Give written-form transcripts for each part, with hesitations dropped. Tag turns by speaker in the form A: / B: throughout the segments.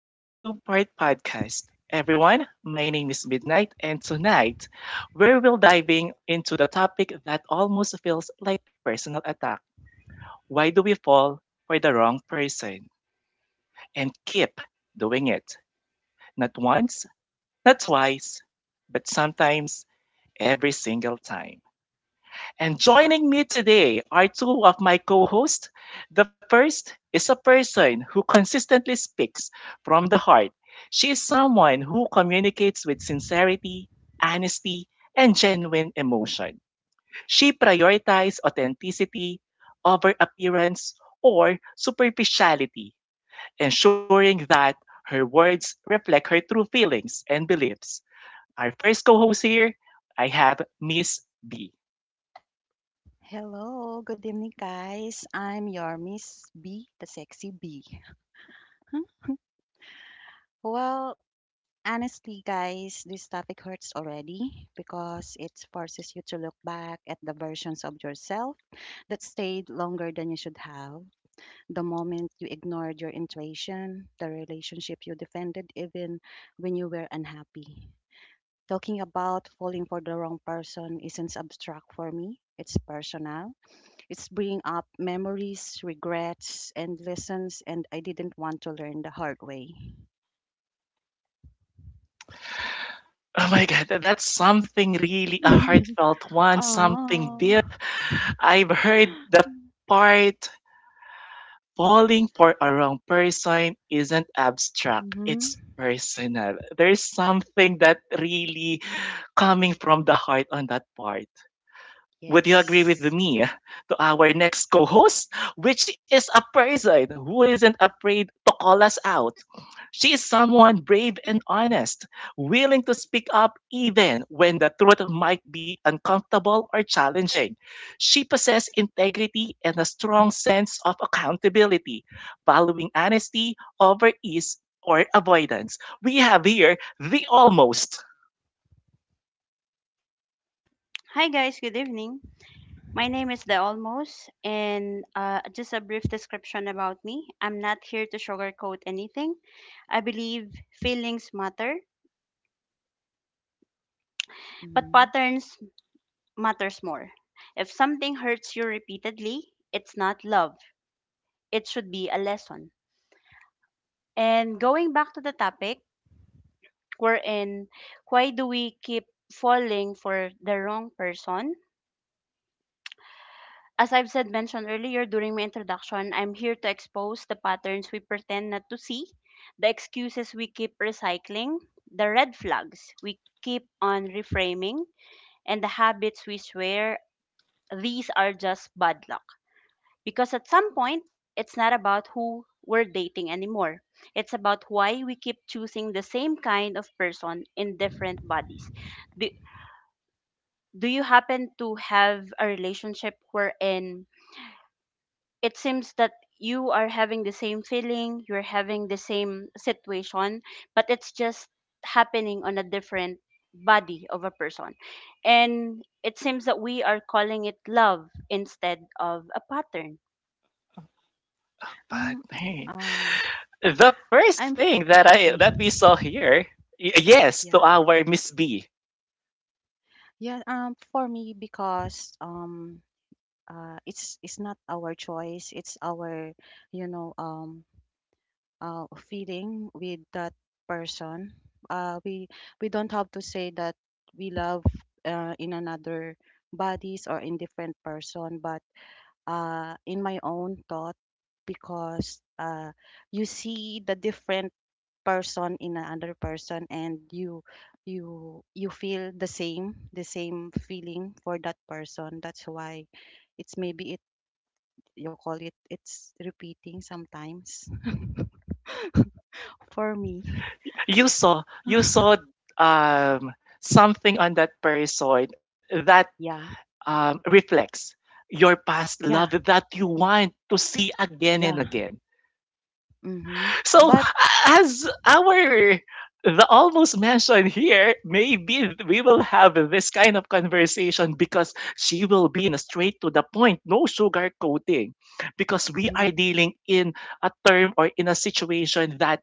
A: to our two-part podcast. Everyone, my name is Midnight, and tonight we will diving into the topic that almost feels like personal attack. Why do we fall for the wrong person and keep doing it? Not once, not twice, but sometimes every single time. And joining me today are two of my co hosts. The first is a person who consistently speaks from the heart. She is someone who communicates with sincerity, honesty, and genuine emotion. She prioritizes authenticity over appearance or superficiality, ensuring that her words reflect her true feelings and beliefs. Our first co host here, I have Miss B.
B: Hello, good evening, guys. I'm your Miss B, the sexy B. Well, honestly, guys, this topic hurts already because it forces you to look back at the versions of yourself that stayed longer than you should have. The moment you ignored your intuition, the relationship you defended, even when you were unhappy. Talking about falling for the wrong person isn't abstract for me, it's personal. It's bringing up memories, regrets, and lessons, and I didn't want to learn the hard way.
A: Oh my god, that's something really a heartfelt one, something deep.
B: Oh.
A: I've heard the part falling for a wrong person isn't abstract, it's
B: Mm-hmm.
A: personal. There's something that really coming from the heart on that part. Would you agree with
B: Yes.
A: me to our next co-host, which is a person who isn't afraid to call us out? She is someone brave and honest, willing to speak up even when the truth might be uncomfortable or challenging. She possesses integrity and a strong sense of accountability, valuing honesty over ease or avoidance. We have here the almost.
C: Hi guys, good evening. My name is The Almost, and just a brief description about me. I'm not here to sugarcoat anything. I believe feelings matter, but
B: Mm.
C: patterns matters more. If something hurts you repeatedly, it's not love. It should be a lesson. And going back to the topic, we're in, why do we keep falling for the wrong person? As I've said mentioned earlier during my introduction, I'm here to expose the patterns we pretend not to see, the excuses we keep recycling, the red flags we keep on reframing, and the habits we swear these are just bad luck. Because at some point, it's not about who we're dating anymore. It's about why we keep choosing the same kind of person in different bodies. Do, do you happen to have a relationship wherein it seems that you are having the same feeling, you're having the same situation, but it's just happening on a different body of a person? And it seems that we are calling it love instead of a pattern.
A: But
B: Um. I-
A: man,
B: Um.
A: the first
B: I'm
A: thing that I
B: okay.
A: that we saw here, yes, to
B: Yeah.
A: our Miss B.
B: Yeah. For me, because. It's not our choice. It's our, you know. Um. Feeling with that person. Uh, we we don't have to say that we love in another bodies or in different person, but in my own thought, because you see the different person in another person, and you feel the same feeling for that person. That's why it's maybe it you call it it's repeating sometimes for me.
A: You saw um, something on that person that
B: Yeah,
A: reflects your past love
B: yeah,
A: that you want to see again and
B: yeah.
A: again.
B: Mhm.
A: So
B: But
A: as our the almost mentioned here, maybe we will have this kind of conversation because she will be in a straight to the point, no sugar coating, because we
B: mhm.
A: are dealing in a term or in a situation that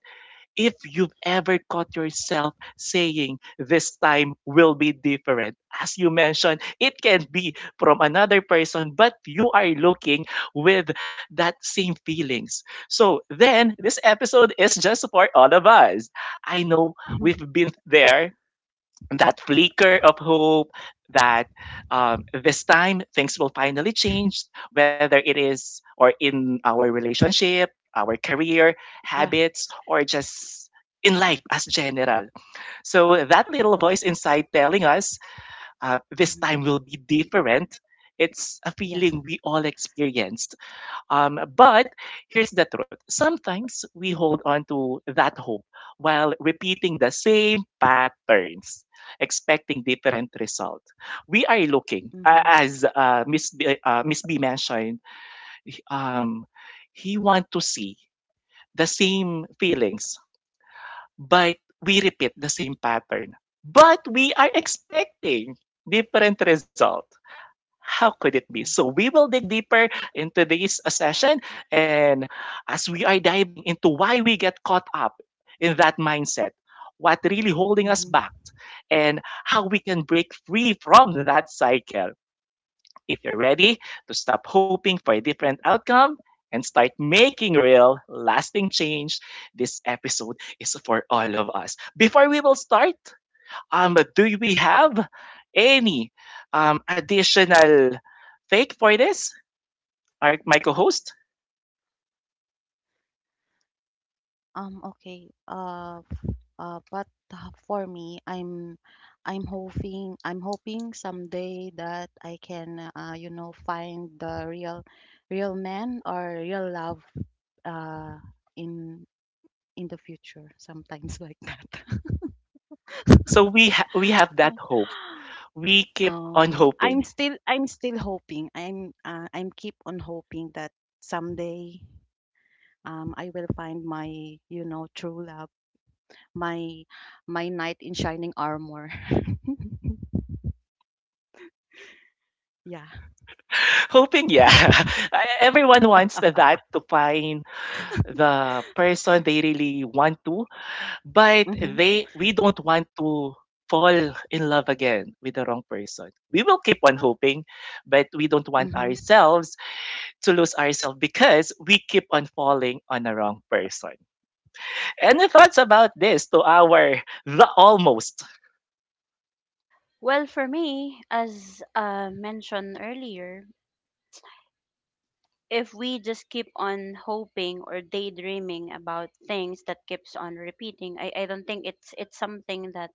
A: if you've ever caught yourself saying, "This time will be different," as you mentioned, it can be from another person, but you are looking with that same feelings. So then this episode is just for all of us. I know we've been there, that flicker of hope that this time things will finally change, whether it is or in our relationship, our career,
B: Yeah.
A: habits, or just in life as general. So that little voice inside telling us, this
B: Mhm.
A: time will be different. It's a
B: Yeah.
A: feeling we all experience, but here's the truth: sometimes we hold on to that hope while repeating the same patterns, expecting different result. We are looking,
B: Mhm.
A: as Miss B, Miss B mentioned, um, he want to see the same feelings, but we repeat the same pattern. But we are expecting different result. How could it be? So
B: Yeah.
A: we will dig deeper into this session. And as we are diving into why we get caught up in that mindset, what really holding us
B: Mhm.
A: back, and how we can break free from that cycle. If you're ready to stop hoping for a different outcome and start making real, lasting change, this episode is for all of us. Before we will start, do we have any additional take for this, our, my co-host?
B: Okay. But for me, I'm hoping someday that I can find the real man or real love uh in in the future sometimes like that.
A: So we we have that hope. We keep on
B: Oh, I'm
A: hoping.
B: still I'm still hoping. I'm keep on hoping that someday I will find my, you know, true love, my my knight in shining armor. Yeah.
A: Hoping, yeah. Everyone wants that, to find the person they really want to. But they we
B: Mhm.
A: don't want to fall in love again with the wrong person. We will keep on hoping, but we don't want
B: Mhm.
A: ourselves to lose ourselves because we keep on falling on the wrong person. Any thoughts about this to our the almost?
C: Well, for me, as mentioned earlier, if we just keep on hoping or daydreaming about things that keeps on repeating, I don't think it's something that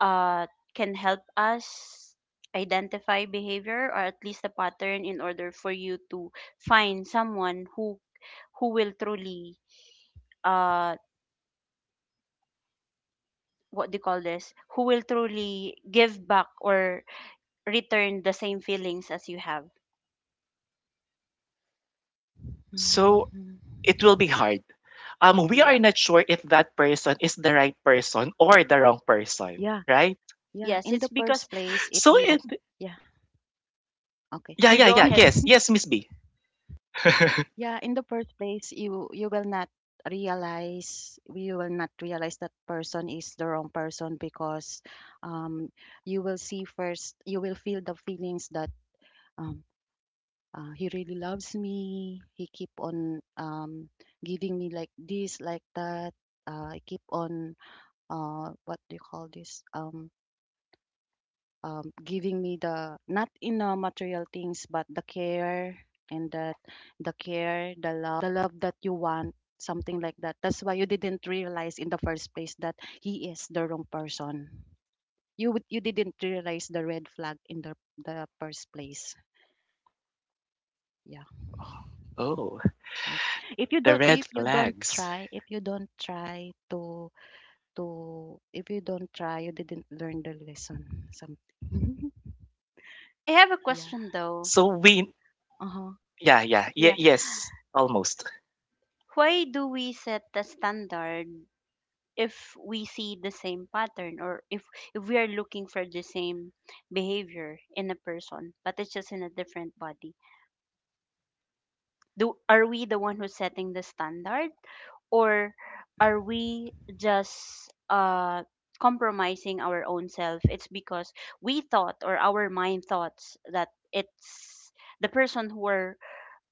C: uh, can help us identify behavior, or at least a pattern, in order for you to find someone who will truly, uh what do you call this who will truly give back or return the same feelings as you have.
A: So
B: Mhm.
A: it will be hard. We
C: Yep.
A: are not sure if that person is the right person or the wrong person,
B: Yeah,
A: right?
B: yeah.
C: Yes,
B: In
C: it's
B: the
C: because,
B: first place, if
A: So
C: oh.
B: you,
A: it,
B: yeah, okay.
A: yeah,
C: you
A: yeah,
C: go
A: yeah,
C: ahead.
A: yes, yes, Miss B.
B: Yeah, in the first place, you will not realize that person is the wrong person because um, you will see first you will feel the feelings that um, he really loves me. He keep on giving me like this, like that. I keep on what do you call this? Giving me the not in material things but the care and that the care the love that you want, something like that. That's why you didn't realize in the first place that he is the wrong person. You you didn't realize the red flag in the first place. Yeah.
A: Oh,
B: okay
A: the red
B: if you don't
A: flags.
B: try if you don't try to if you don't try you didn't learn the lesson, something.
C: I have a
B: Yeah.
C: question though.
A: So we
B: Uh-huh.
A: yeah, yeah. Yeah,
C: Yeah,
A: yes, almost.
C: why do we set the standard if we see the same pattern, or if we are looking for the same behavior in a person but it's just in a different body? Do Are we the one who's setting the standard, or are we just compromising our own self? It's because we thought, or our mind thoughts, that it's the person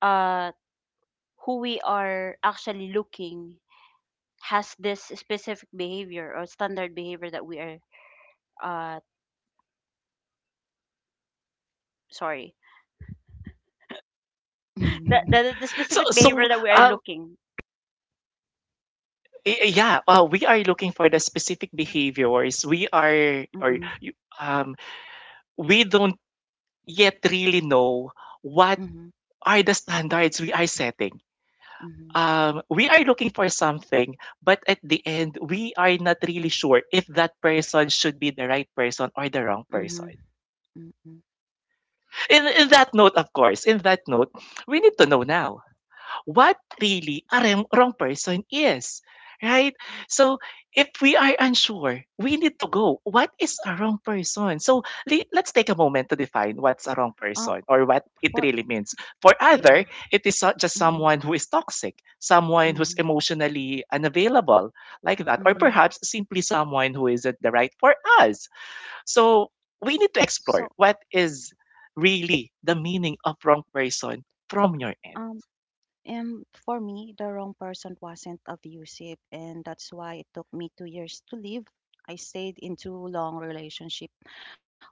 C: uh who we are actually looking, has this specific behavior, or standard behavior, that we are, uh sorry, the
A: So
C: specific
A: so,
C: behavior that we are
A: um,
C: looking.
A: y yeah, we are looking for the specific behaviors. We are or you
B: Mm-mm.
A: um, we don't yet really know what
B: Mm-mm.
A: are the standards we are setting.
B: Mhm,
A: We are looking for something, but at the end, we are not really sure if that person should be the right person or the wrong person.
B: mhm, mm.
A: In that note, of course, in that note, we need to know now what really a wrong person is, right? So if we are unsure, we need to go. What is a wrong person? So let's take a moment to define what's a wrong person
B: Uh,
A: or what it really
B: for
A: means. For other,
B: yeah,
A: it is just someone
B: mhm,
A: who is toxic, someone who's
B: mhm,
A: emotionally unavailable, like that, or perhaps
B: mhm.
A: simply someone who isn't the right for us. So we need to explore
B: So,
A: what is really the meaning of wrong person from your end.
B: um, and for me, the wrong person wasn't abusive, and that's why it took me 2 years to leave. I stayed in two long relationship,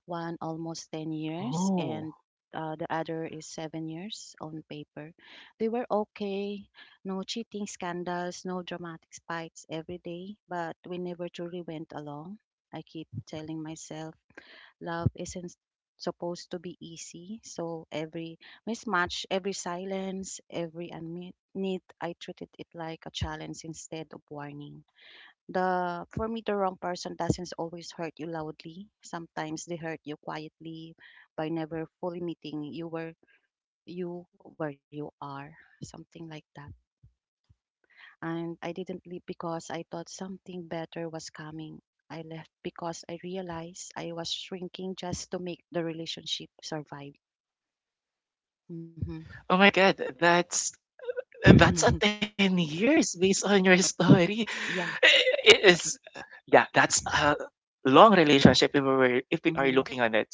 B: one almost 10 years,
A: Oh.
B: and the other is 7 years on paper. They were okay, no cheating scandals, no dramatic fights every day, but we never truly went along. I keep telling myself love isn't supposed to be easy. So every mismatch, every silence, every unmet need, I treated it like a challenge instead of warning. The For me, the wrong person doesn't always hurt you loudly. Sometimes they hurt you quietly by never fully meeting you where you are. Something like that. And I didn't leave because I thought something better was coming. I left because I realized I was shrinking just to make the relationship survive. Hmm.
A: Oh my god, that's a
B: Hmm.
A: 10 years based on your story.
B: Yeah.
A: It is yeah, that's a long relationship if we were if we are looking
B: Hmm.
A: on it.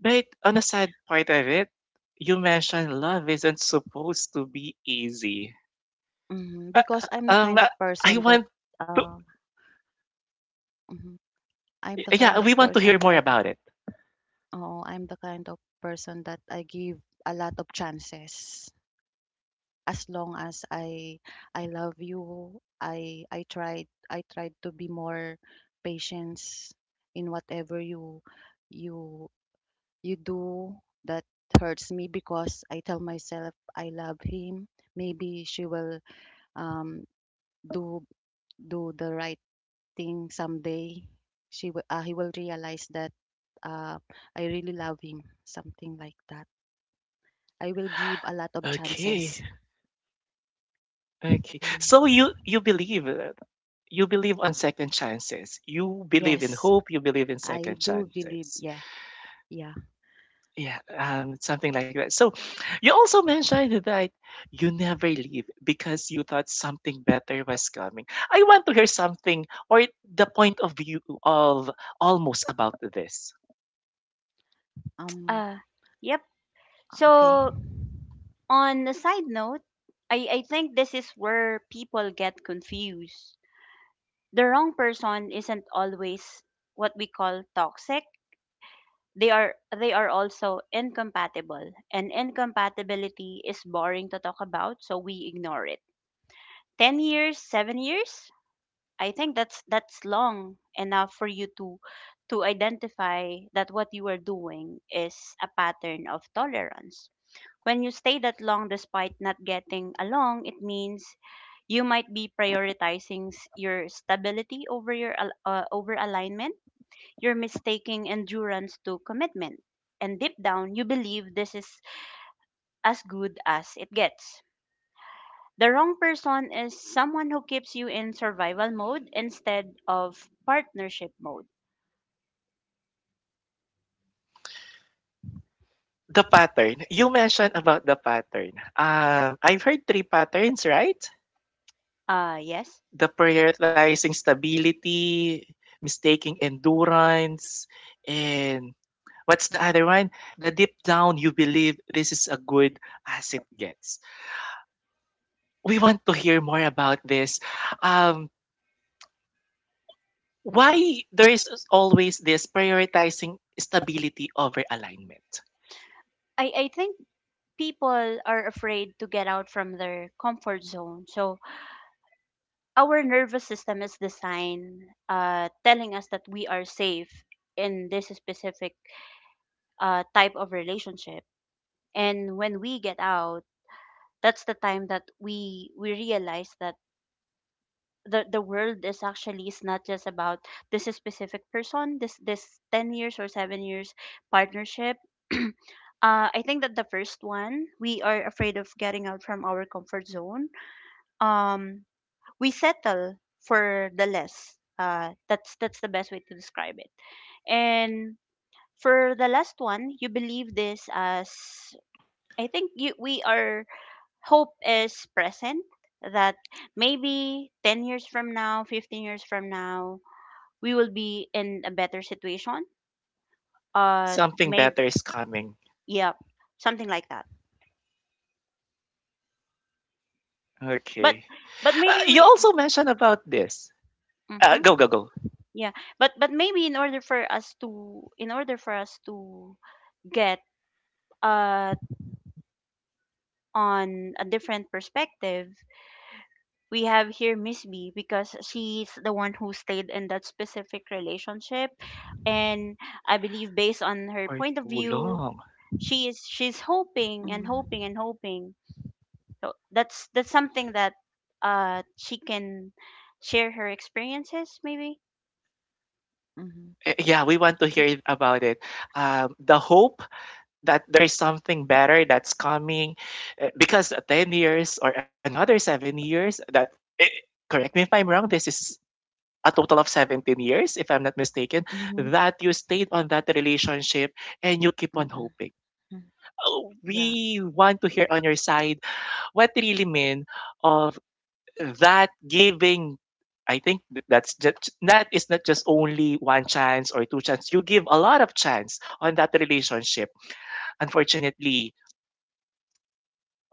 A: But on a sad part of it, you mentioned love isn't supposed to be easy.
B: Hmm. Because I'm the
A: Um
B: kind of
A: I
B: person
A: want
B: that
A: to
B: uh, mhm. I'm the
A: Yeah,
B: kind
A: we
B: of
A: want to hear
B: person
A: more
B: that
A: about it.
B: oh, I'm the kind of person that I give a lot of chances. As long as I love you, I tried to be more patience in whatever you you do that hurts me because I tell myself I love him. Maybe she will um do do the right thing someday. She will He will realize that uh, I really love him. Something like that. I will give a lot of
A: Okay,
B: chances.
A: okay.
B: Mm.
A: So you believe, you believe on second chances. You believe in
B: Yes.
A: hope. You believe in
B: I
A: second
B: do believe.
A: chances.
B: Yeah, yeah.
A: Yeah, something like that. So you also mentioned that you never leave because you thought something better was coming. I want to hear something or the point of view of almost about this.
B: Um,
C: uh yep.
B: okay.
C: So, on a side note, I think this is where people get confused. The wrong person isn't always what we call toxic, they are also incompatible, and incompatibility is boring to talk about, so we ignore it. 10 years, 7 years, I think that's long enough for you to identify that what you are doing is a pattern of tolerance. When you stay that long despite not getting along, it means you might be prioritizing your stability over alignment. You're mistaking endurance to commitment. And deep down, you believe this is as good as it gets. The wrong person is someone who keeps you in survival mode instead of partnership mode.
A: The pattern you mentioned about the pattern. I've heard three patterns, right?
C: Yes.
A: The prioritizing stability, mistaking endurance, and what's the other one? The deep down you believe this is a good as it gets. We want to hear more about this. Um, why there is always this prioritizing stability over alignment?
C: I think people are afraid to get out from their comfort zone. So our nervous system is designed, telling us that we are safe in this specific, type of relationship. And when we get out, that's the time that we realize that the world is actually is not just about this specific person, this 10 years or 7 years partnership. I think that the first one, we are afraid of getting out from our comfort zone. um we settle for the less, that's the best way to describe it. And for the last one, you believe this as, I think you we are, hope is present that maybe 10 years from now, 15 years from now, we will be in a better situation. uh
A: Something
C: Maybe.
A: better is coming.
C: Yeah, something like that.
A: Okay.
C: But
A: You
C: maybe
A: also
C: we,
A: mentioned about this. Go, go,
C: mhm,
A: go.
C: yeah, but maybe in order for us to, get uh on a different perspective, we have here Miss B, because she's the one who stayed in that specific relationship. And I believe, based
A: For
C: on her
A: too
C: point of
A: long.
C: view, she's hoping and
B: Mm,
C: hoping and hoping. So that's something that she can share her experiences maybe.
B: mm-hmm.
A: Eh, yeah, we want to hear
B: Because,
A: about it. The hope that there's something better that's coming, because 10 years or another 7 years, that, eh, correct me if I'm wrong, this is a total of 17 years, if I'm not mistaken,
B: mm-hmm,
A: that you stayed on that relationship and you keep on
B: mm-hmm,
A: hoping.
B: mm-hmm,
A: Oh,
B: yeah.
A: we want to hear on your side what really mean of that giving. I think that's just that is not just only one chance or two chance. You give a lot of chance on that relationship. Unfortunately,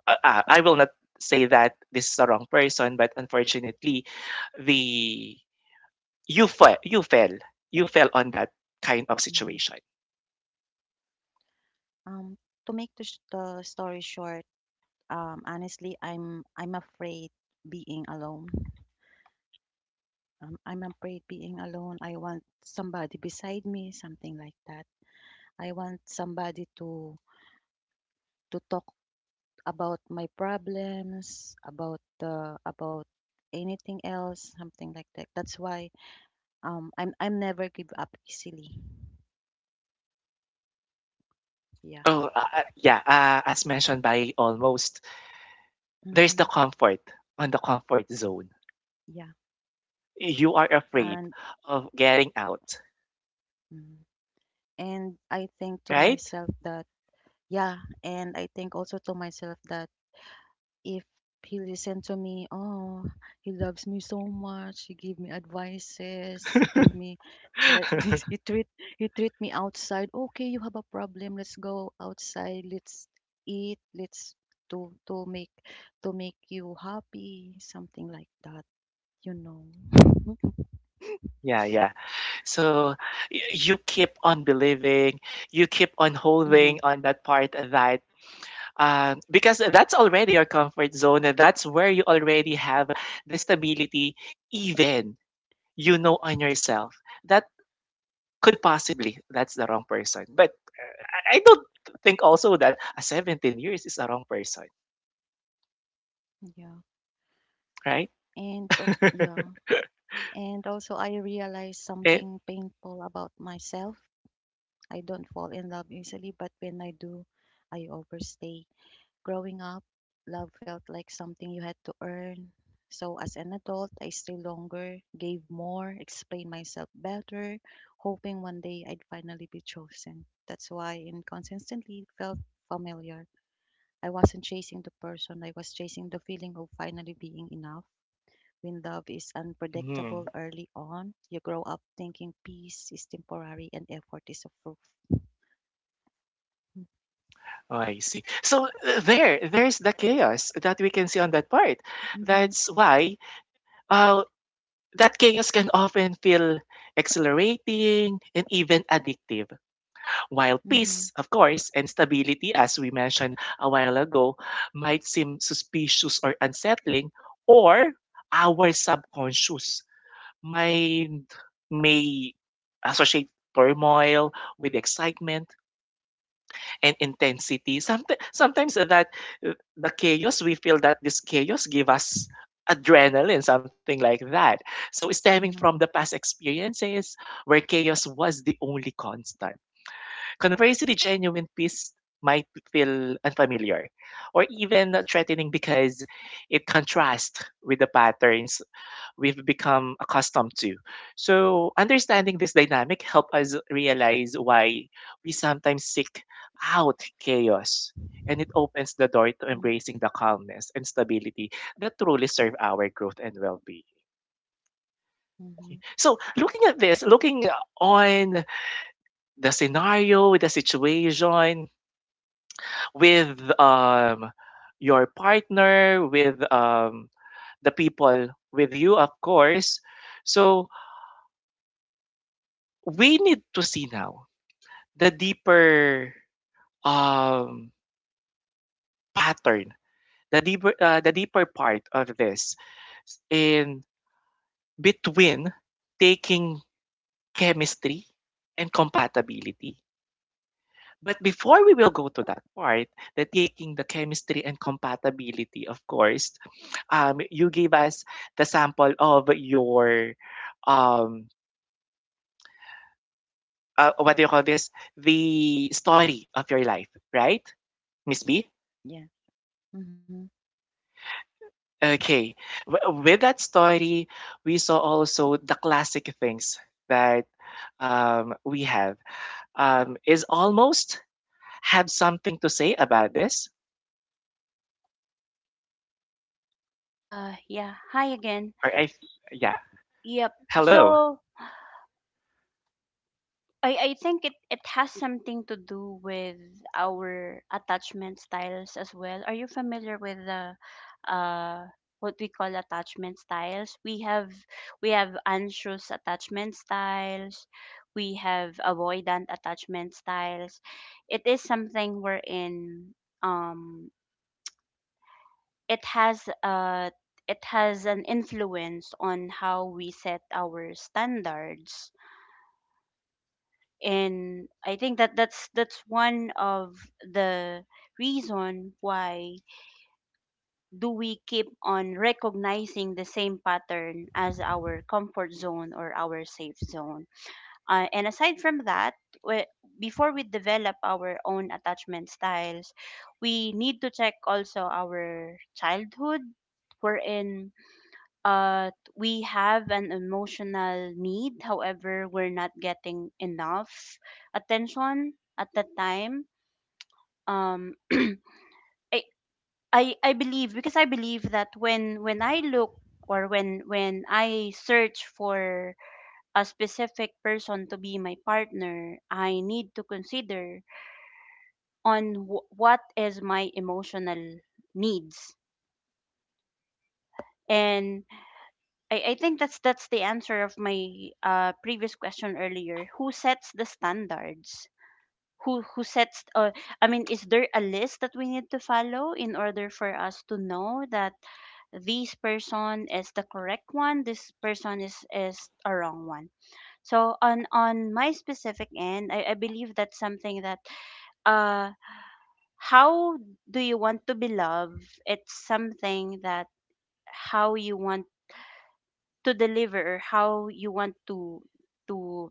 A: I will not say that this is the wrong person, but unfortunately, the you fell, you fell, you fell on that kind of
B: Mm-hmm.
A: situation.
B: Um, to make the story short, honestly, I'm afraid being alone. I'm afraid being alone. I want somebody beside me, something like that. I want somebody to talk about my problems, about the about anything else, something like that. That's why I'm never give up easily. Yeah.
A: Oh, yeah, as mentioned by almost, there's the
B: Hmm.
A: comfort on the comfort zone.
B: Yeah.
A: You are afraid
B: And
A: of getting out,
B: mm, and I think to
A: right?
B: myself that yeah, and I think also to myself that if he listened to me, oh, he loves me so much. He give me advices. He give me like this. He treat me outside. Okay, you have a problem. Let's go outside. Let's eat. Let's to make To make you happy. Something like that. You know.
A: Yeah, yeah. So you keep on believing, you keep on
B: Mhm.
A: holding on that part. That, because that's already your comfort zone and that's where you already have the stability, even you know on yourself that could possibly that's the wrong person, but I don't think also that a 17 years is a wrong person,
B: Yeah.
A: right?
B: Yeah. And also I realized
A: Eh,
B: something painful about myself. I don't fall in love easily, but when I do, I overstay. Growing up, love felt like something you had to earn. So as an adult, I stayed longer, gave more, explained myself better, hoping one day I'd finally be chosen. That's why and consistently felt familiar. I wasn't chasing the person, I was chasing the feeling of finally being enough. When love is unpredictable
A: hmm.
B: early on, you grow up thinking peace is temporary and effort is a proof.
A: Oh, I see. So there, there's the chaos that we can see on that part.
B: Mm-hmm.
A: That's why uh, that chaos can often feel exhilarating and even addictive. While
B: Mm-hmm.
A: peace, of course, and stability, as we mentioned a while ago, might seem suspicious or unsettling, or our subconscious mind may associate turmoil with excitement and intensity. Sometimes, sometimes that the chaos, we feel that this chaos give us adrenaline, something like that. So stemming from
B: Mm-hmm.
A: the past experiences where chaos was the only constant. Conversely, genuine peace might feel unfamiliar or even threatening because it contrasts with the patterns we've become accustomed to. So, understanding this dynamic helps us realize why we sometimes seek out chaos, and it opens the door to embracing the calmness and stability that truly serve our growth and well-being.
B: Mm-hmm.
A: So, looking at this, looking on the scenario, the situation, with your partner, with the people with you, of course. So we need to see now the deeper um pattern, the deeper part of this in between taking chemistry and compatibility. But before we will go to that part, the taking the chemistry and compatibility, of course, you gave us the sample of your um what do you call this, the story of your life, right, Miss B?
B: Yeah. Mm-hmm.
A: Okay. With that story, we saw also the classic things that we have. Um, is almost have something to say about this?
C: Yeah, hi again.
A: Or I Yeah.
C: Yep.
A: Hello.
C: So, I think it has something to do with our attachment styles as well. Are you familiar with the, uh what we call attachment styles? We have anxious attachment styles. We have avoidant attachment styles. It is something wherein, um it has uh it has an influence on how we set our standards. And I think that that's one of the reason why do we keep on recognizing the same pattern as our comfort zone or our safe zone. And aside from that, we- before we develop our own attachment styles, we need to check also our childhood, wherein we have an emotional need, however we're not getting enough attention at that time. um I, I believe that when I look, or when I search for a specific person to be my partner, I need to consider on what is my emotional needs. And I think that's the answer of my previous question earlier. Who sets the standards? Who sets? I mean, is there a list that we need to follow in order for us to know that this person is the correct one, this person is a wrong one? So on my specific end, I believe that's something that, uh how do you want to be loved? It's something that, how you want to deliver, how you want to to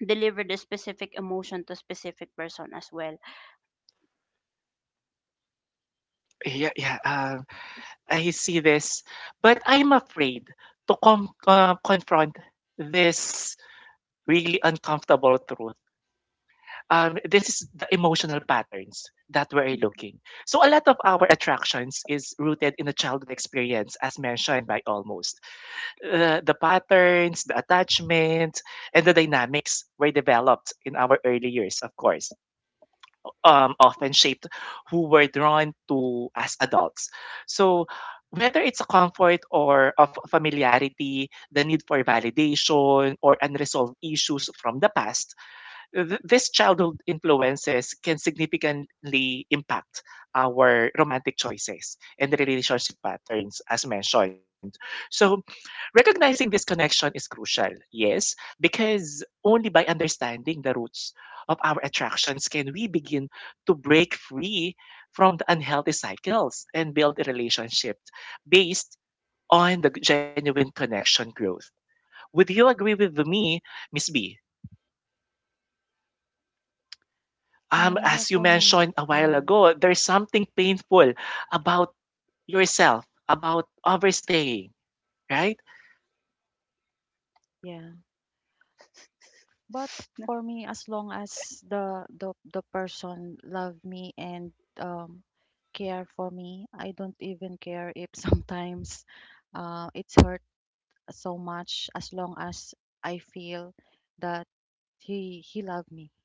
C: deliver the specific emotion to specific person as well.
A: Yeah, I see this, but I'm afraid to confront this really uncomfortable truth. This is the emotional patterns that we're looking. So a lot of our attractions is rooted in the childhood experience, as mentioned by almost. The patterns, the attachments, and the dynamics were developed in our early years, of course, often shaped who we're drawn to as adults. So whether it's a comfort or of familiarity, the need for validation or unresolved issues from the past, this childhood influences can significantly impact our romantic choices and the relationship patterns as mentioned. So recognizing this connection is crucial, yes, because only by understanding the roots of our attractions can we begin to break free from the unhealthy cycles and build a relationship based on the genuine connection growth. Would you agree with me, Miss B?
B: Yeah.
A: As you
B: For me.
A: mentioned a while ago, there's something painful about yourself, about overstaying, right?
B: Yeah. But for
C: No.
B: me, as long as the person love me and um care for me, I don't even care if sometimes it's hurt so much. As long as I feel that he loved me.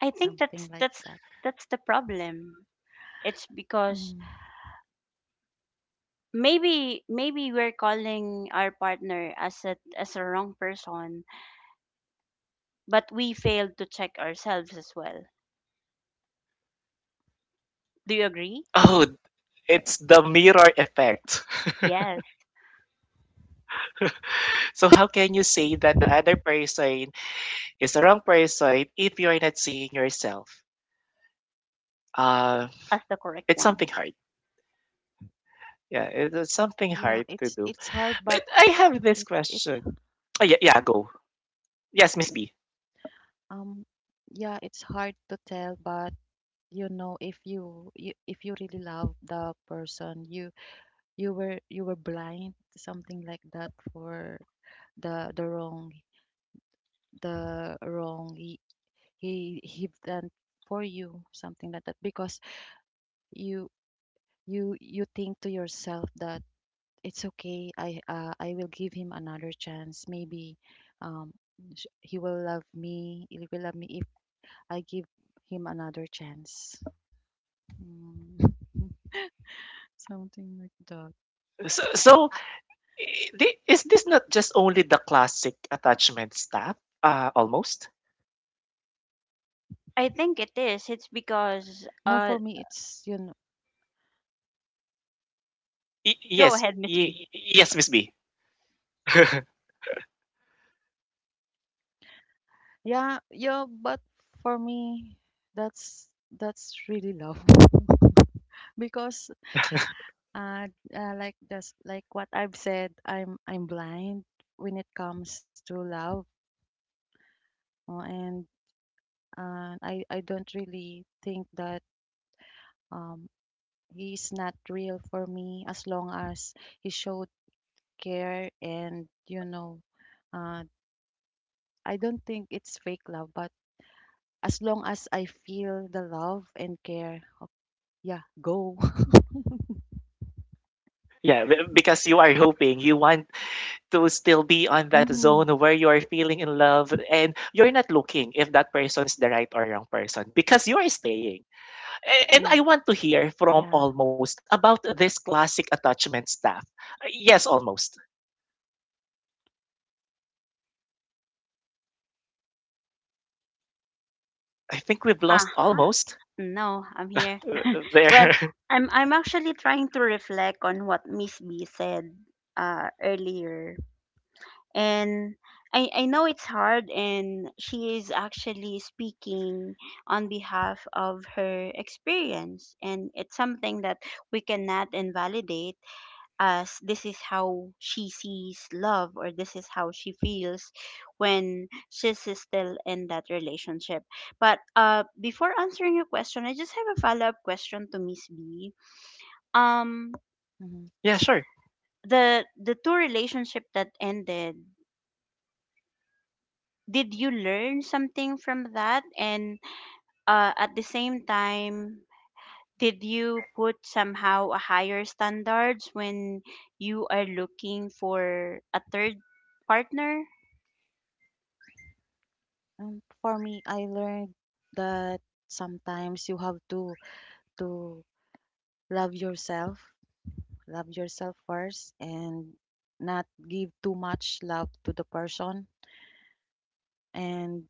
C: I think that's
B: Something like
C: that's
B: that.
C: that's the problem. It's because
B: Mm.
C: maybe we're calling our partner as a wrong person, but we failed to check ourselves as well. Do you agree?
A: Oh, it's the mirror effect.
C: Yes,
A: So, how can you say that the other person is the wrong person if you're not seeing yourself? Uh,
C: that's the correct
A: it's
C: one.
A: something hard. Yeah, it's something
B: Yeah,
A: hard
B: it's
A: to
B: it's
A: do.
B: hard, but
A: But I have
B: it
A: this
B: it's
A: question. Oh, yeah, yeah, go. Yes, Miss B.
B: um yeah, it's hard to tell, but if you really love the person, you were blind, something like that for the wrong the wrong he he done for you, something like that, because you you think to yourself that it's okay. I will give him another chance. Maybe um, he will love me. He will love me if I give him another chance. Mm. Something like that.
A: So is this not just only the classic attachment stuff? Almost.
C: I think it is.
B: No,
C: It's
B: for me,
C: because,
B: it's mm,
C: go ahead, Miss B.
A: Yes, Miss B.
B: yeah, yeah. But for me, that's that's really love because like this like what I've said, I'm blind when it comes to love, uh, and and I don't really think that um he's not real for me as long as he showed care and uh I don't think it's fake love but as long as I feel the love and care. Yeah, go.
A: Yeah, because you are hoping, you want to still be on that
B: Mm-hmm.
A: zone where you are feeling in love and you're not looking if that person is the right or wrong person because you are staying. And
B: Yeah,
A: I want to hear from
B: yeah.
A: almost about this classic attachment stuff. Yes, almost. I think we've lost
C: Uh-huh.
A: almost.
C: No, I'm here. Well,
A: There.
C: I'm actually trying to reflect on what Miss B said earlier. And I know it's hard, and she is actually speaking on behalf of her experience, and it's something that we cannot invalidate, as this is how she sees love, or this is how she feels when she's still in that relationship. But before answering your question, I just have a follow up question to Miss B. Um,
B: Mm-hmm.
A: Yeah, sure.
C: the two relationship that ended, did you learn something from that? And, at the same time, did you put somehow a higher standards when you are looking for a third partner?
B: For me, I learned that sometimes you have to love yourself. Love yourself first and not give too much love to the person. And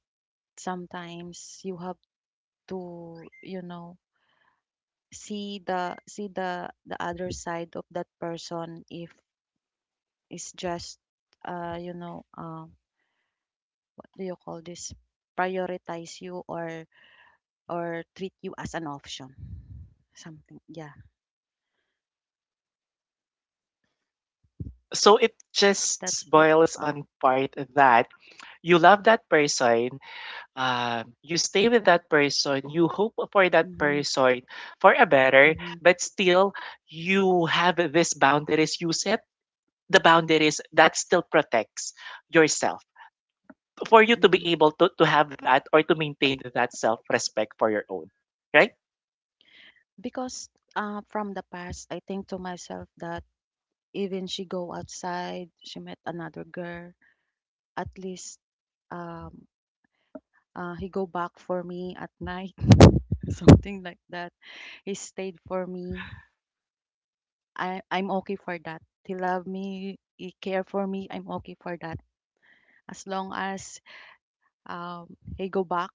B: sometimes you have to see the other side of that person if it's just uh you know uh what do you call this, prioritize you or treat you as an option, something. Yeah.
A: So it
B: That's
A: just
B: what.
A: boils
B: uh,
A: on part that you love that person, you stay with that person, you hope for that
B: mhm.
A: person for a better,
B: Mhm.
A: but still you have this boundaries, you set the boundaries that still protects yourself for you to be
B: Mhm.
A: able to have that or to maintain that self-respect for your own, right?
B: Because from the past I think to myself that even she go outside, she met another girl. At least um he go back for me at night, something like that. He stayed for me. I'm okay for that. He love me. He care for me. I'm okay for that. As long as he go back,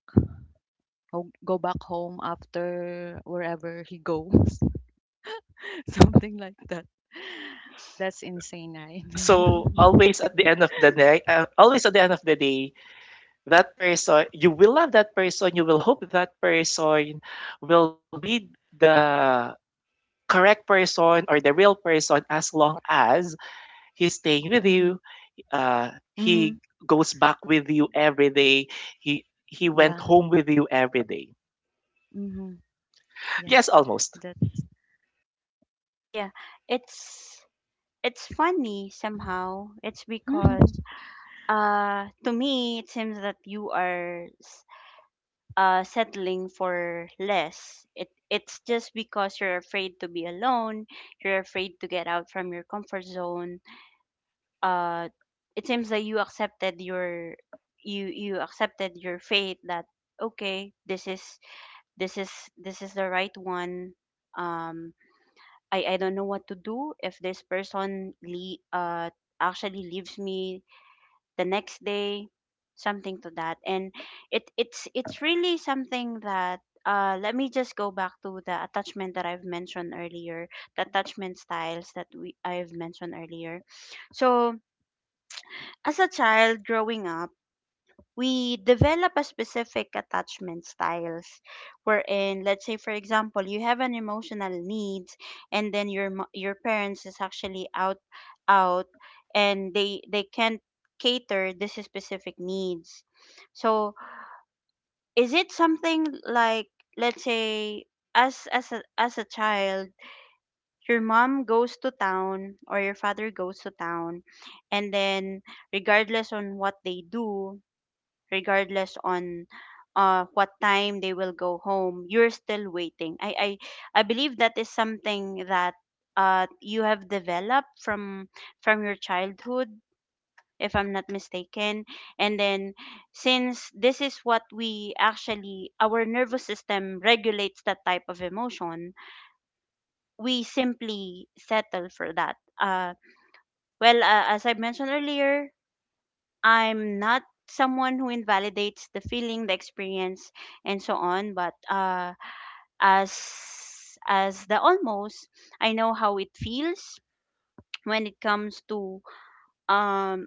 B: go back home after wherever he goes, something like that. That's insane, right?
A: So always at the end of the day, always at the end of the day, that person, you will love that person, you will hope that person will be the correct person or the real person as long as he's staying with
B: Mm-hmm.
A: you. Uh,
B: Mm-hmm.
A: he goes back with you every day. He went
B: Yeah.
A: home with you every day.
B: Mm-hmm. Yeah.
A: Yes, almost.
B: That's.
C: Yeah, it's it's funny somehow. It's because, to me, it seems that you are settling for less. It's just because you're afraid to be alone, you're afraid to get out from your comfort zone. Uh it seems that you accepted your, fate, that okay, this is, this is the right one. Um I don't know what to do if this person, actually leaves me the next day, something to that. And it's really something that, let me just go back to the attachment that I've mentioned earlier, the attachment styles that we I've mentioned earlier. So, as a child growing up, we develop a specific attachment styles, wherein let's say for example you have an emotional needs, and then your your parents is actually out, and they can't cater this specific needs. So is it something like, let's say, as as a child, your mom goes to town or your father goes to town, and then regardless on what they do, regardless on what time they will go home, you're still waiting. I believe that is something that you have developed from your childhood, if I'm not mistaken. And then, since this is what we actually, our nervous system regulates that type of emotion, we simply settle for that. Well, as I mentioned earlier, I'm not someone who invalidates the feeling, the experience, and so on, but as the Almost, I know how it feels when it comes to, um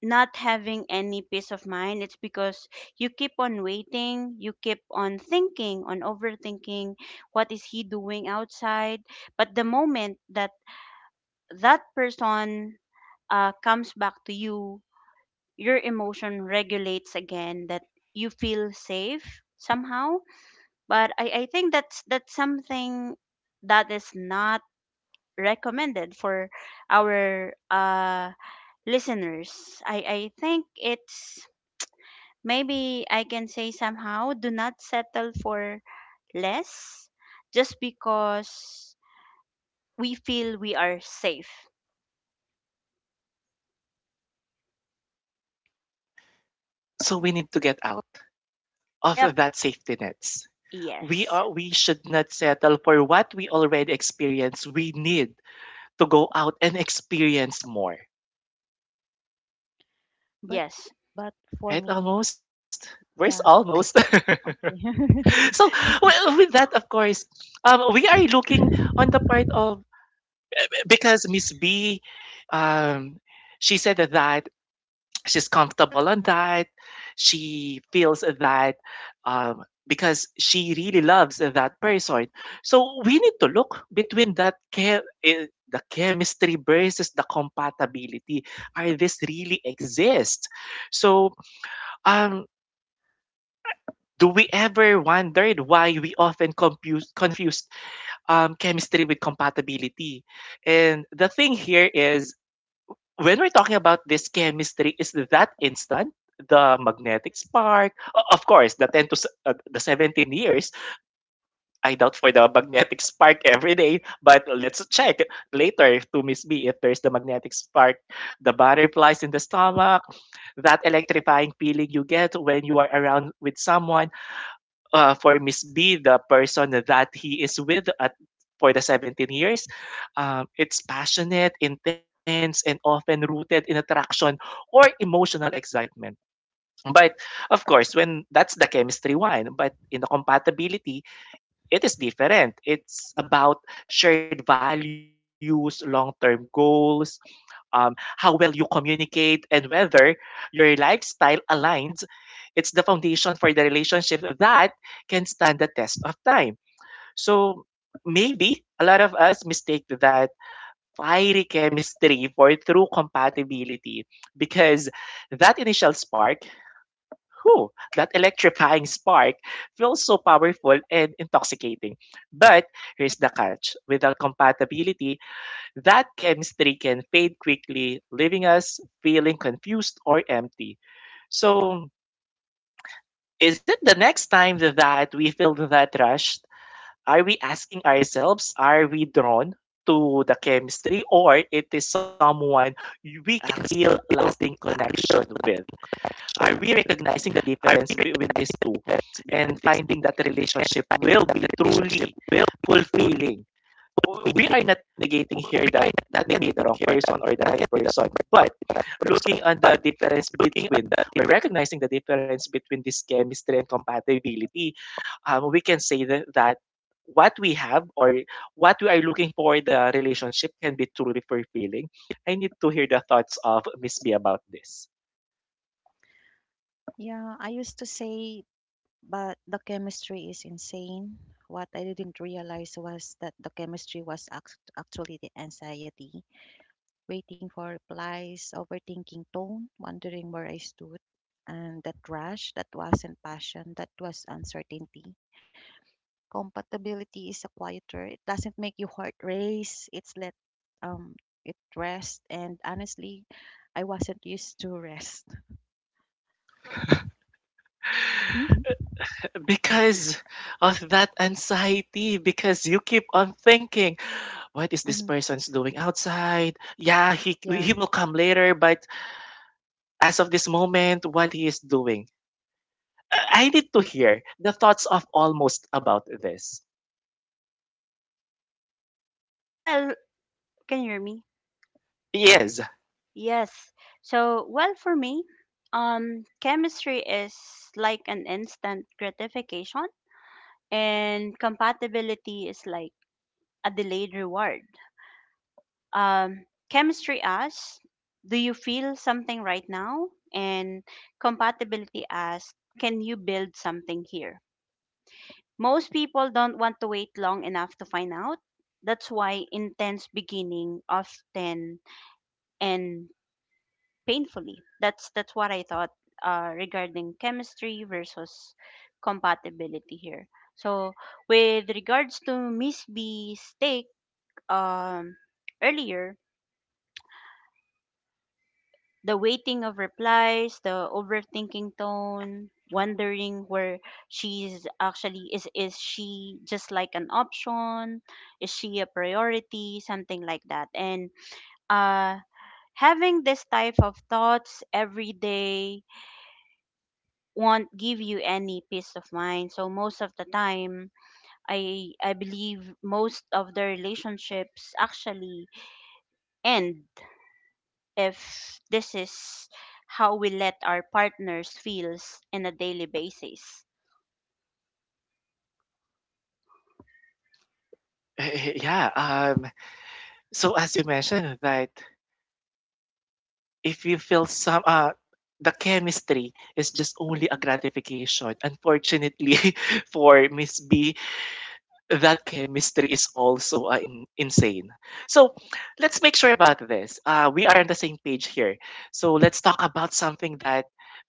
C: not having any peace of mind. It's because you keep on waiting, you keep on thinking on overthinking what is he doing outside. But the moment that that person, comes back to you, your emotion regulates again, that you feel safe somehow. But I think that's something that is not recommended for our, listeners. I think it's, maybe I can say somehow, do not settle for less just because we feel we are safe.
A: So we need to get out of
C: Yep.
A: that safety nets. We
C: Yes.
A: are we should not settle for what we already experienced. We need to go out and experience more.
B: But
C: yes
B: but for me,
A: Right? Almost.
B: yeah,
A: Where's
B: I
A: almost?
B: okay.
A: So, well, with that, of course, we are looking on the part of, because Miss B, um, she said that she's comfortable on that. She feels that, because she really loves that person. So we need to look between that care. Eh, the chemistry versus the compatibility. Are this really exist? So, um, do we ever wondered why we often confused, chemistry with compatibility? And the thing here is, when we're talking about this chemistry, is that instant? The magnetic spark, of course, the 10 to the 17 years, I doubt for the magnetic spark every day, but let's check later to Miss B if there's the magnetic spark, the butterflies in the stomach, that electrifying feeling you get when you are around with someone. Uh, for Miss B, the person that he is with at for the 17 years, it's passionate, intense, and often rooted in attraction or emotional excitement. But of course, when that's the chemistry one, but in the compatibility, it is different. It's about shared values, long term goals, how well you communicate, and whether your lifestyle aligns. It's the foundation for the relationship that can stand the test of time. So maybe a lot of us mistake that fiery chemistry for true compatibility because that initial spark, whew, that electrifying spark feels so powerful and intoxicating. But here's the catch: without compatibility, that chemistry can fade quickly, leaving us feeling confused or empty. So is it the next time that we feel that rush, are we asking ourselves, are we drawn to the chemistry or it is someone we can feel lasting connection with? Are we recognizing the difference between these two and finding that relationship will be truly fulfilling? We are not negating here that, not negating the wrong person or the right person, but looking on the difference between or recognizing the difference between this chemistry and compatibility, we can say that, that what we have or what we are looking for in the relationship can be truly fulfilling. I need to hear the thoughts of Miss B about this.
B: Yeah, I used to say, but the chemistry is insane. What I didn't realize was that the chemistry was actually the anxiety, waiting for replies, overthinking tone, wondering where I stood, and that rush that wasn't passion, that was uncertainty. Compatibility is a quieter. It doesn't make your heart race. It's let um it rest. And honestly, I wasn't used to rest.
A: Because of that anxiety, because you keep on thinking, what is this
B: Hmm.
A: person's doing outside? Yeah, he
B: Yeah.
A: he will come later, but as of this moment, what he is doing? I need to hear the thoughts of almost about this.
C: well, can you hear me?
A: Yes,
C: Yes. So, well, for me, chemistry is like an instant gratification, and compatibility is like a delayed reward. Um, chemistry asks, do you feel something right now? And compatibility asks, can you build something here? Most people don't want to wait long enough to find out. That's why intense beginning often end painfully. That's what I thought regarding chemistry versus compatibility here. So with regards to Miss B's take, um, earlier, the waiting of replies, the overthinking tone, wondering where she's actually is she just like an option? Is she a priority? Something like that. And uh having this type of thoughts every day won't give you any peace of mind. So most of the time, I believe most of the relationships actually end if this is how we let our partners feels in a daily basis.
A: eh, yeah. Um, so as you mentioned that if you feel some. The chemistry is just only a gratification. Unfortunately, for Miss B, that chemistry is also, insane. So let's make sure about this. We are on the same page here. So let's talk about something that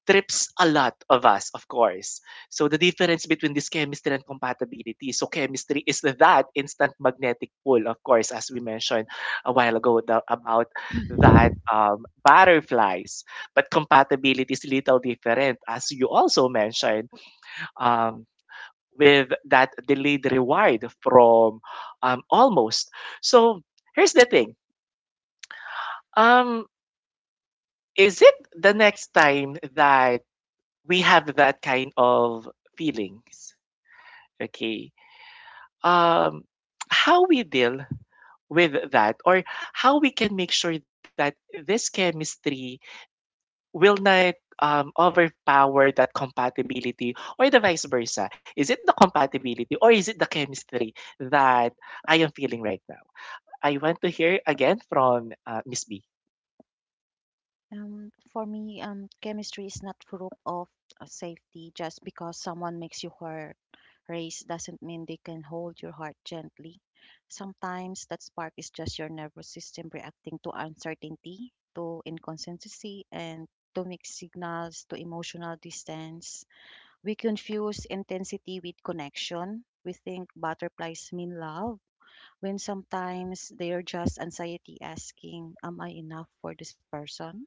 A: trips a lot of us, of course. So the difference between this chemistry and compatibility. So chemistry is that instant magnetic pull, of course, as we mentioned a while ago the, about that, butterflies. But compatibility is little different, as you also mentioned. Um, with that delayed reward from, almost. So here's the thing. Um, is it the next time that we have that kind of feelings? Okay. Um, how we deal with that or how we can make sure that this chemistry will not, overpower that compatibility or the vice versa. Is it the compatibility or is it the chemistry that I am feeling right now? I want to hear again from, Miss B.
B: For me, chemistry is not proof of safety. Just because someone makes you hurt, race doesn't mean they can hold your heart gently. Sometimes that spark is just your nervous system reacting to uncertainty, to inconsistency, and to mixed signals, to emotional distance. We confuse intensity with connection. We think butterflies mean love, when sometimes they are just anxiety asking, am I enough for this person?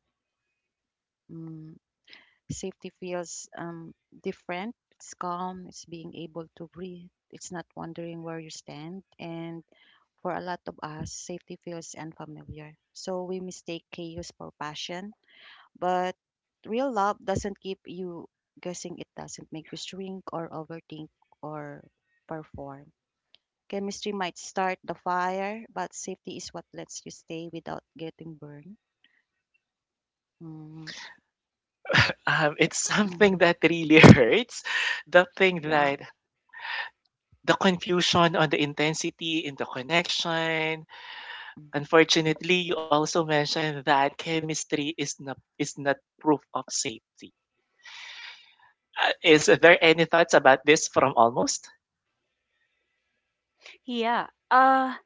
B: Mm, safety feels different. It's calm, it's being able to breathe, it's not wondering where you stand. And for a lot of us, safety feels unfamiliar. So we mistake chaos for passion. But real love doesn't keep you guessing, it doesn't make you shrink or overthink or perform. Chemistry might start the fire, but safety is what lets you stay without getting burned. Mm.
A: It's
B: Mm.
A: something that really hurts. The thing
B: Yeah.
A: that the confusion on the intensity in the connection.
B: Mm.
A: Unfortunately, you also mentioned that chemistry is not proof of safety. Is there any thoughts about this from almost?
C: Yeah.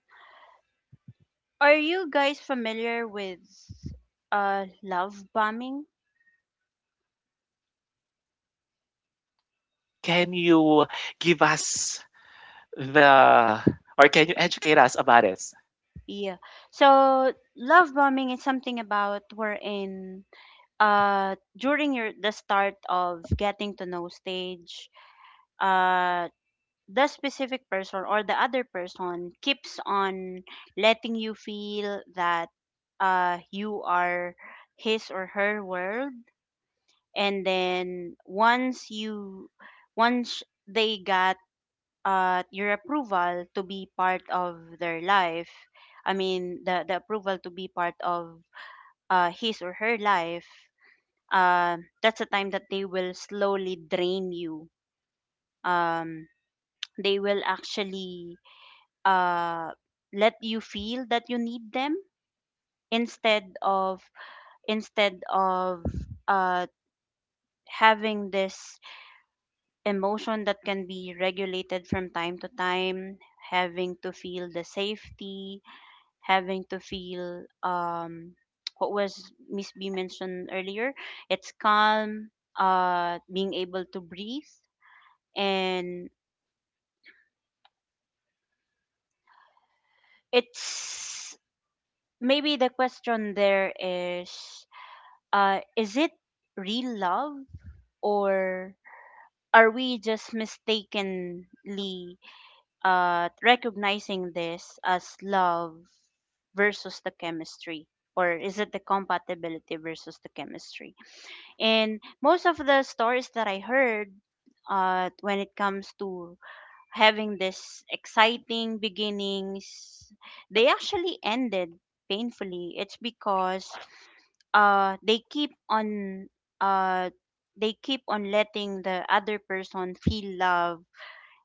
C: Are you guys familiar with love bombing?
A: Can you give us the, or can you educate us about this?
C: Yeah. So love bombing is something about wherein during your the start of getting to know stage uh the specific person or the other person keeps on letting you feel that you are his or her world, and then once they got your approval to be part of their life. I mean the approval to be part of his or her life. That's a time that they will slowly drain you. um they will actually, uh, let you feel that you need them instead of instead of uh, having this emotion that can be regulated from time to time, having to feel the safety, having to feel, what was Miss B mentioned earlier, it's calm, being able to breathe. And it's, maybe the question there is, is it real love, or are we just mistakenly recognizing this as love versus the chemistry? Or is it the compatibility versus the chemistry? And most of the stories that I heard, when it comes to having this exciting beginnings, they actually ended painfully. It's because uh they keep on uh they keep on letting the other person feel love,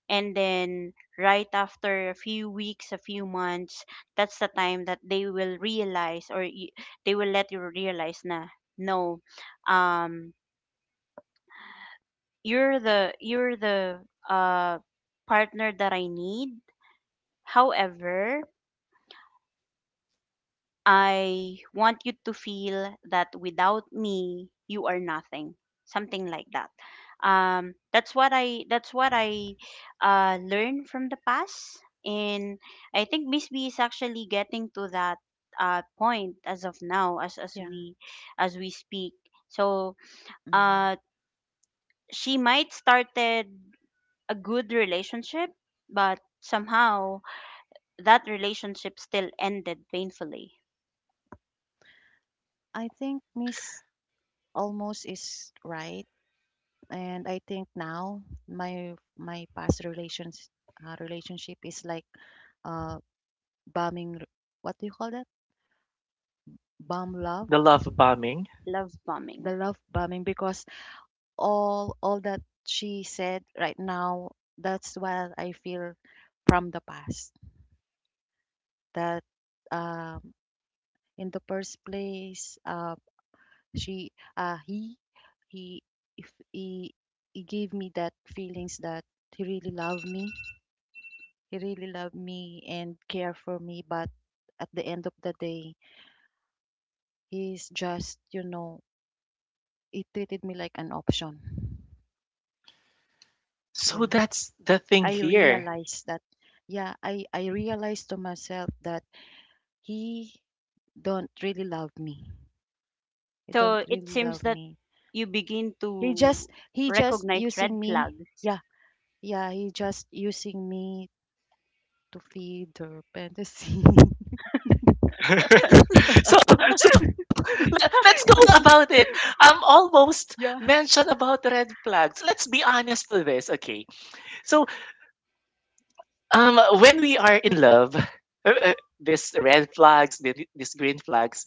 C: and then right after a few weeks, a few months, that's the time that they will realize, or they will let you realize na, no, um you're the uh partner that I need. However, I want you to feel that without me, you are nothing. Something like that. That's what I, learned from the past, and I think Miss B is actually getting to that, point as of now, as
B: Yeah.
C: we as we speak. So,
B: mm
C: uh, she might started a good relationship, but somehow that relationship still ended painfully.
B: I think Miss Almost is right, and I think now my past relations relationship is like uh bombing. What do you call that? Bomb love,
A: The love bombing.
C: Love
B: the
C: bombing.
B: love bombing. Because all that she said right now, that's what I feel from the past. That um, in the first place, she uh he he if he, he gave me that feelings that he really loved me he really loved me and care for me, but at the end of the day he's just, you know, he treated me like an option.
A: So
B: Yeah,
A: that's the thing
B: I
A: here.
B: realized that. Yeah, I realized to myself that he don't really love me. he don't
C: So it
B: really
C: seems
B: love
C: that
B: me
C: you begin
B: he just,
C: to recognize red
B: using me.
C: flags.
B: Yeah. Yeah, he just using me to feed their fantasy.
A: So, so le let's go about it. I'm almost
B: Yeah.
A: mentioned about red flags. Let's be honest to this, okay? So, when we are in love, these red flags, these green flags,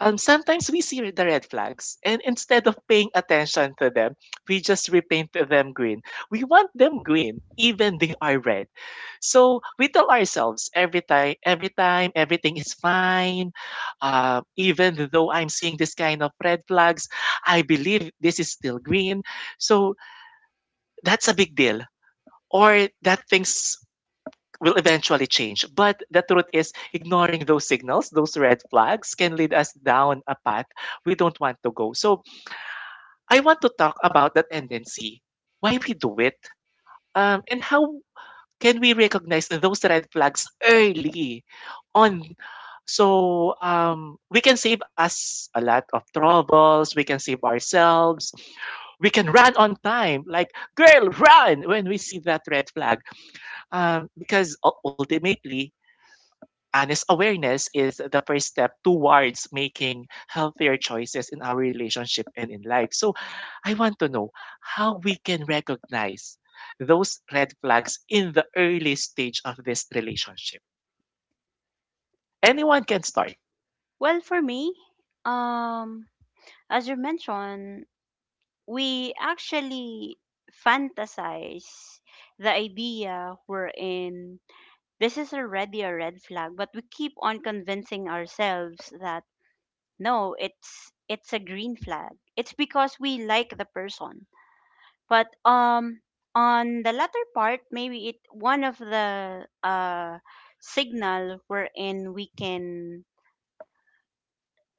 A: sometimes we see the red flags, and instead of paying attention to them, we just repaint them green. We want them green, even they are red. So we tell ourselves every time, everything is fine. Even though I'm seeing this kind of red flags, I believe this is still green. So that's a big deal. Or that things will eventually change. But the truth is, ignoring those signals, those red flags, can lead us down a path we don't want to go. So I want to talk about that tendency, why we do it, and how can we recognize those red flags early on so, we can save us a lot of troubles, we can save ourselves, we can run on time, like girl run when we see that red flag, because ultimately honest awareness is the first step towards making healthier choices in our relationship and in life. So I want to know how we can recognize those red flags in the early stage of this relationship. Anyone can start.
C: Well, for me, um, as you mentioned, we actually fantasize the idea we're in. This is already a red flag, but we keep on convincing ourselves that no, it's a green flag. It's because we like the person. But on the latter part, maybe it one of the signal wherein we can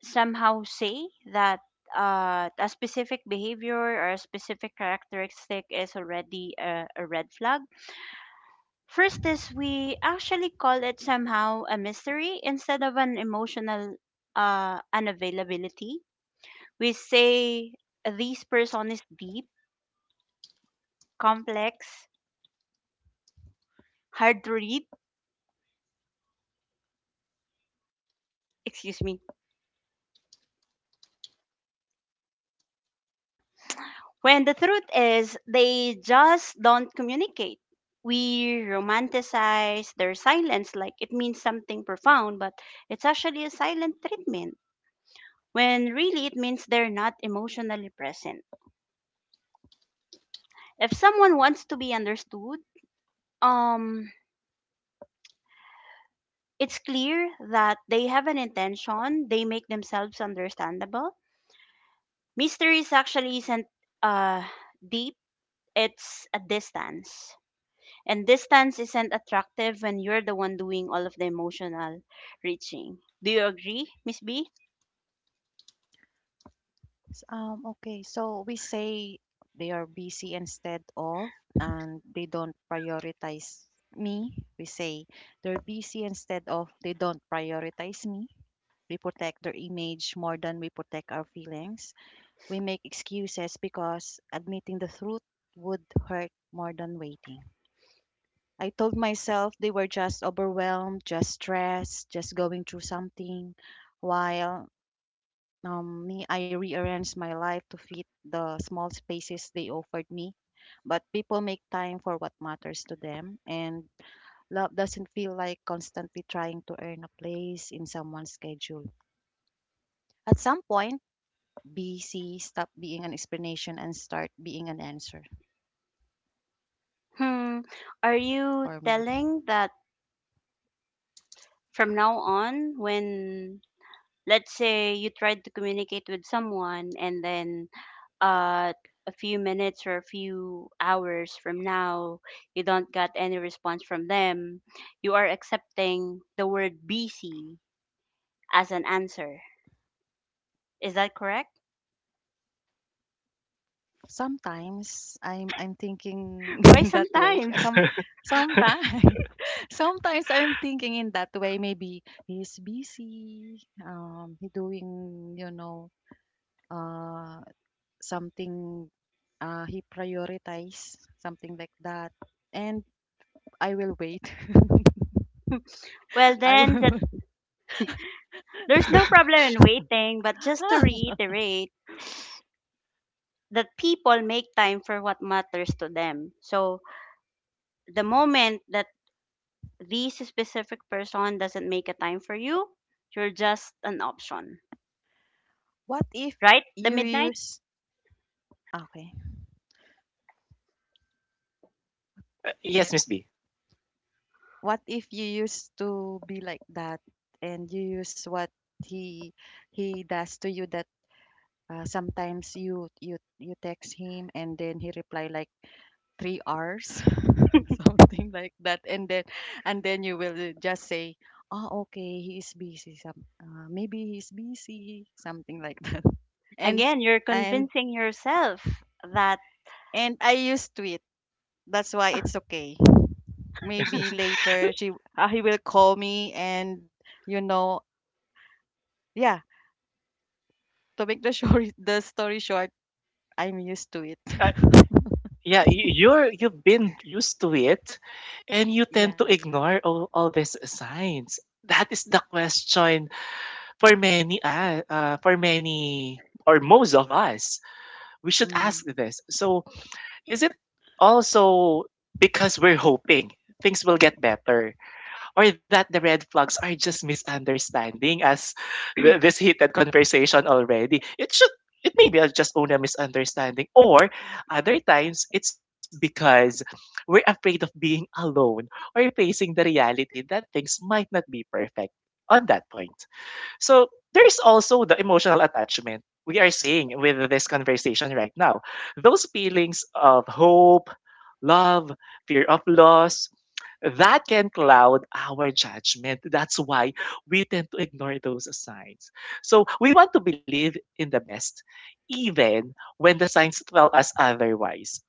C: somehow say that, a specific behavior or a specific characteristic is already a red flag. First is we actually call it somehow a mystery instead of an emotional, unavailability. We say this person is deep, complex, hard to read. Excuse me. When the truth is, they just don't communicate. We romanticize their silence like it means something profound, but it's actually a silent treatment. When really it means they're not emotionally present. If someone wants to be understood, um, it's clear that they have an intention, they make themselves understandable. Mystery is actually isn't, uh, deep, it's a distance. And distance isn't attractive when you're the one doing all of the emotional reaching. Do you agree, Miss B?
B: Okay, so we say they are busy instead of, and they don't prioritize me. We say they're busy instead of, they don't prioritize me. We protect their image more than we protect our feelings. We make excuses because admitting the truth would hurt more than waiting. I told myself they were just overwhelmed, just stressed, just going through something, while me, I rearranged my life to fit the small spaces they offered me. But people make time for what matters to them, and love doesn't feel like constantly trying to earn a place in someone's schedule. At some point, BC stopped being an explanation and start being an answer
C: Hmm. Are
B: for me.
C: you telling that from now on, when let's say you tried to communicate with someone, and then, uh, a few minutes or a few hours from now, you don't got any response from them, you are accepting the word busy as an answer. Is that correct?
B: Sometimes I'm thinking
C: Why
B: in that way.
C: sometimes?
B: Some sometimes sometimes I'm thinking in that way. Maybe he's busy, he doing, you know uh something, he prioritize something like that, and I will wait.
C: Well,
B: I
C: then,
B: will.
C: that. There's no problem in waiting, but just to reiterate that people make time for what matters to them. So the moment that this specific person doesn't make a time for you, you're just an option,
B: What if
C: right? The
B: you
C: midnight?
B: use? Okay.
A: Yes, Miss B.
B: What if you used to be like that, and you use what he he does to you, that sometimes you text him and then he reply like 3 hours something like that, and then you will just say, oh, okay, he is busy, some maybe he's busy, something like that. and
C: Again, you're
B: and
C: convincing yourself that
B: and I used to it, that's why it's okay. Maybe later she, he will call me, and, you know, yeah. To make the story short, I'm used to it.
A: Uh, yeah, you're you've been used to it, and you tend
B: Yeah.
A: to ignore all these signs. That is the question for many or most of us. We should
B: Mm.
A: ask this. So, is it also because we're hoping things will get better, or that the red flags are just misunderstanding as this heated conversation already? It should. It may be just only a misunderstanding, or other times it's because we're afraid of being alone or facing the reality that things might not be perfect on that point. So there is also the emotional attachment we are seeing with this conversation right now. Those feelings of hope, love, fear of loss, that can cloud our judgment. That's why we tend to ignore those signs. So we want to believe in the best, even when the signs tell us otherwise.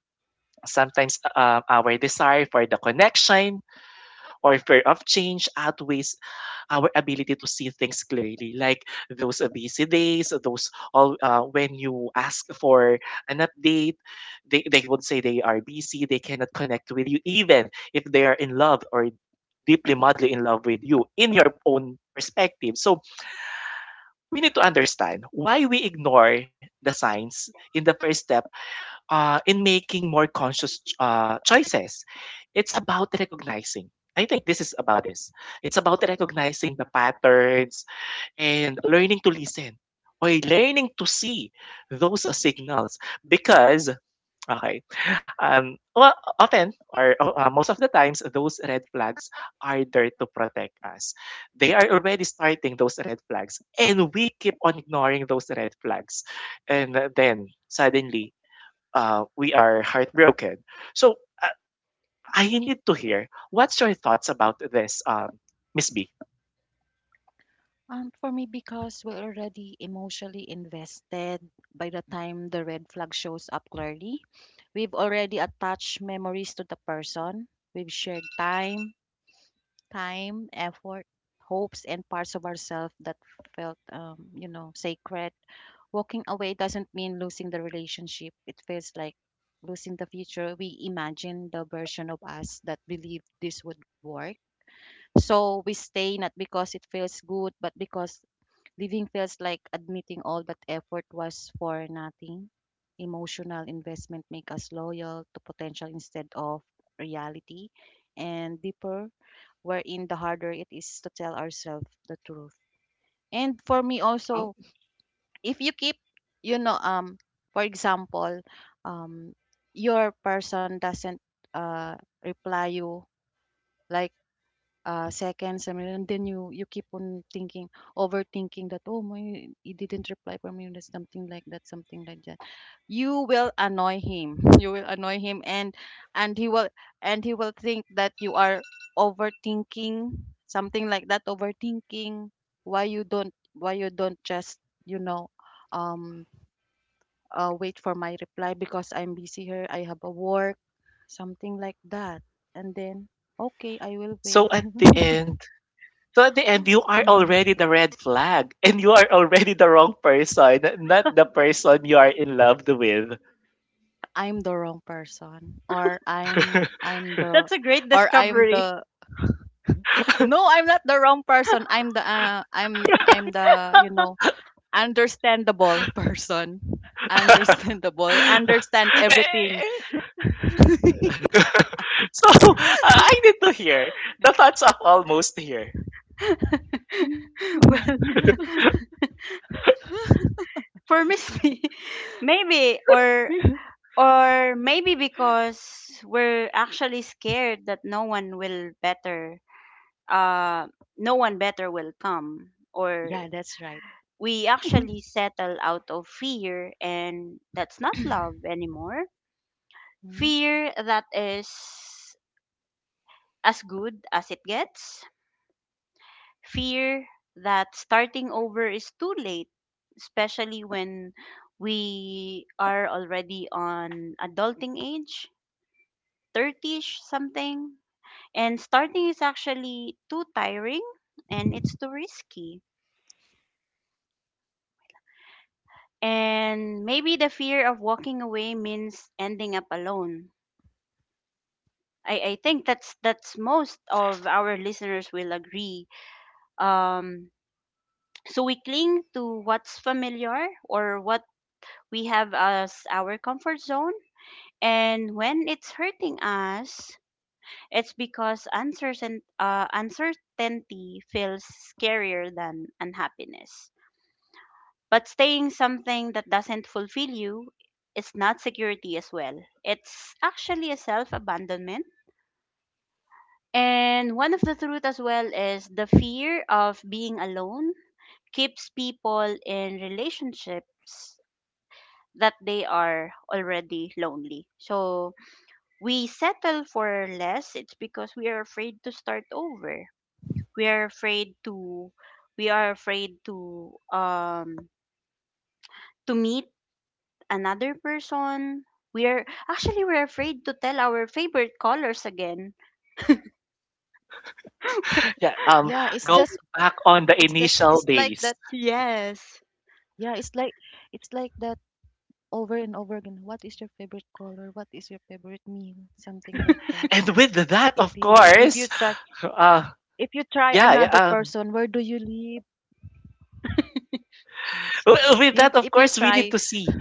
A: Sometimes, our desire for the connection or fear of change outweighs our ability to see things clearly, like those, busy days, those all, when you ask for an update, they would say they are busy, they cannot connect with you, even if they are in love or deeply madly in love with you in your own perspective. So we need to understand why we ignore the signs in the first step, in making more conscious choices. It's about recognizing. I think this is about this. It's about recognizing the patterns, and learning to listen or learning to see those, signals because, okay, um, well, often or, most of the times those red flags are there to protect us, they are already starting those red flags and we keep on ignoring those red flags, and, then suddenly, we are heartbroken. So, I need to hear what's your thoughts about this, Miss B.
B: For me, because we're already emotionally invested by the time the red flag shows up clearly. We've already attached memories to the person. We've shared time, time, effort, hopes, and parts of ourselves that felt, you know, sacred. Walking away doesn't mean losing the relationship. It feels like losing the future. We imagine the version of us that believed this would work. So we stay not because it feels good, but because living feels like admitting all that effort was for nothing. Emotional investment make us loyal to potential instead of reality, and deeper wherein the harder it is to tell ourselves the truth. And for me also,
A: Oh,
B: if you keep, you know, um, for example, um, your person doesn't uh reply you like seconds I mean, and then you keep on thinking, overthinking that, oh my, he didn't reply for me, that's something like that, something like that. You will annoy him you will annoy him, and he will, think that you are overthinking, something like that, overthinking, why you don't just, you know, um wait for my reply because I'm busy here, I have a work, something like that. And then, okay, I will
A: so
B: wait.
A: at the end, so at the end, you are
B: Mm.
A: already the red flag and you are already the wrong person, not the person you are in love with.
B: I'm the wrong person, or I'm the,
C: that's a great
B: or I'm
C: discovery.
B: the, no, I'm not the wrong person, I'm the, I'm the, you know, understandable person. Understandable, I understand everything.
A: So, I need to hear the thoughts of almost here.
C: well, for Miss B, maybe, or maybe because we're actually scared that no one will better, uh, no one better will come. Or
B: Yeah, that's right.
C: we actually settle out of fear, and that's not love anymore.
B: Mm.
C: Fear that is as good as it gets. Fear that starting over is too late, especially when we are already on adulting age, 30ish something. And starting is actually too tiring and it's too risky. And maybe the fear of walking away means ending up alone. I think that's most of our listeners will agree. Um, so we cling to what's familiar or what we have as our comfort zone, and when it's hurting us, it's because uncertainty feels scarier than unhappiness. But staying something that doesn't fulfill you is not security as well. It's actually a self abandonment. And one of the truth as well is the fear of being alone keeps people in relationships that they are already lonely. So we settle for less. It's because we are afraid to start over. We are afraid to we are afraid to meet another person. We're afraid to tell our favorite colors again.
A: Yeah,
B: Yeah, it's just,
A: going back on the initial
B: it's like
A: days.
B: that.
C: Yes.
B: Yeah, it's like, it's like that, over and over again. What is your favorite color, what is your favorite meal, something
A: Yeah,
B: like that.
A: and with that,
B: if
A: of
B: you if you
A: course,
B: try
A: uh,
B: if you try
A: yeah, yeah,
B: another person, where do you live? So
A: with that, of
B: if you
A: course, we need
B: try,
A: to see.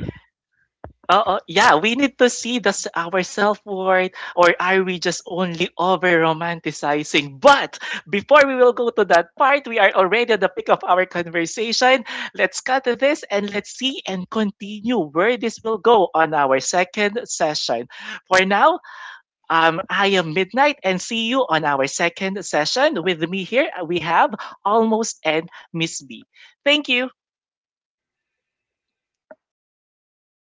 A: Oh, yeah, we need to see the, our self-worth, or are we just only over-romanticizing? But before we will go to that part, we are already at the peak of our conversation. Let's cut to this and let's see and continue where this will go on our second session. For now, I am Midnight and see you on our second session. With me here, we have Almost and Miss B. Thank you.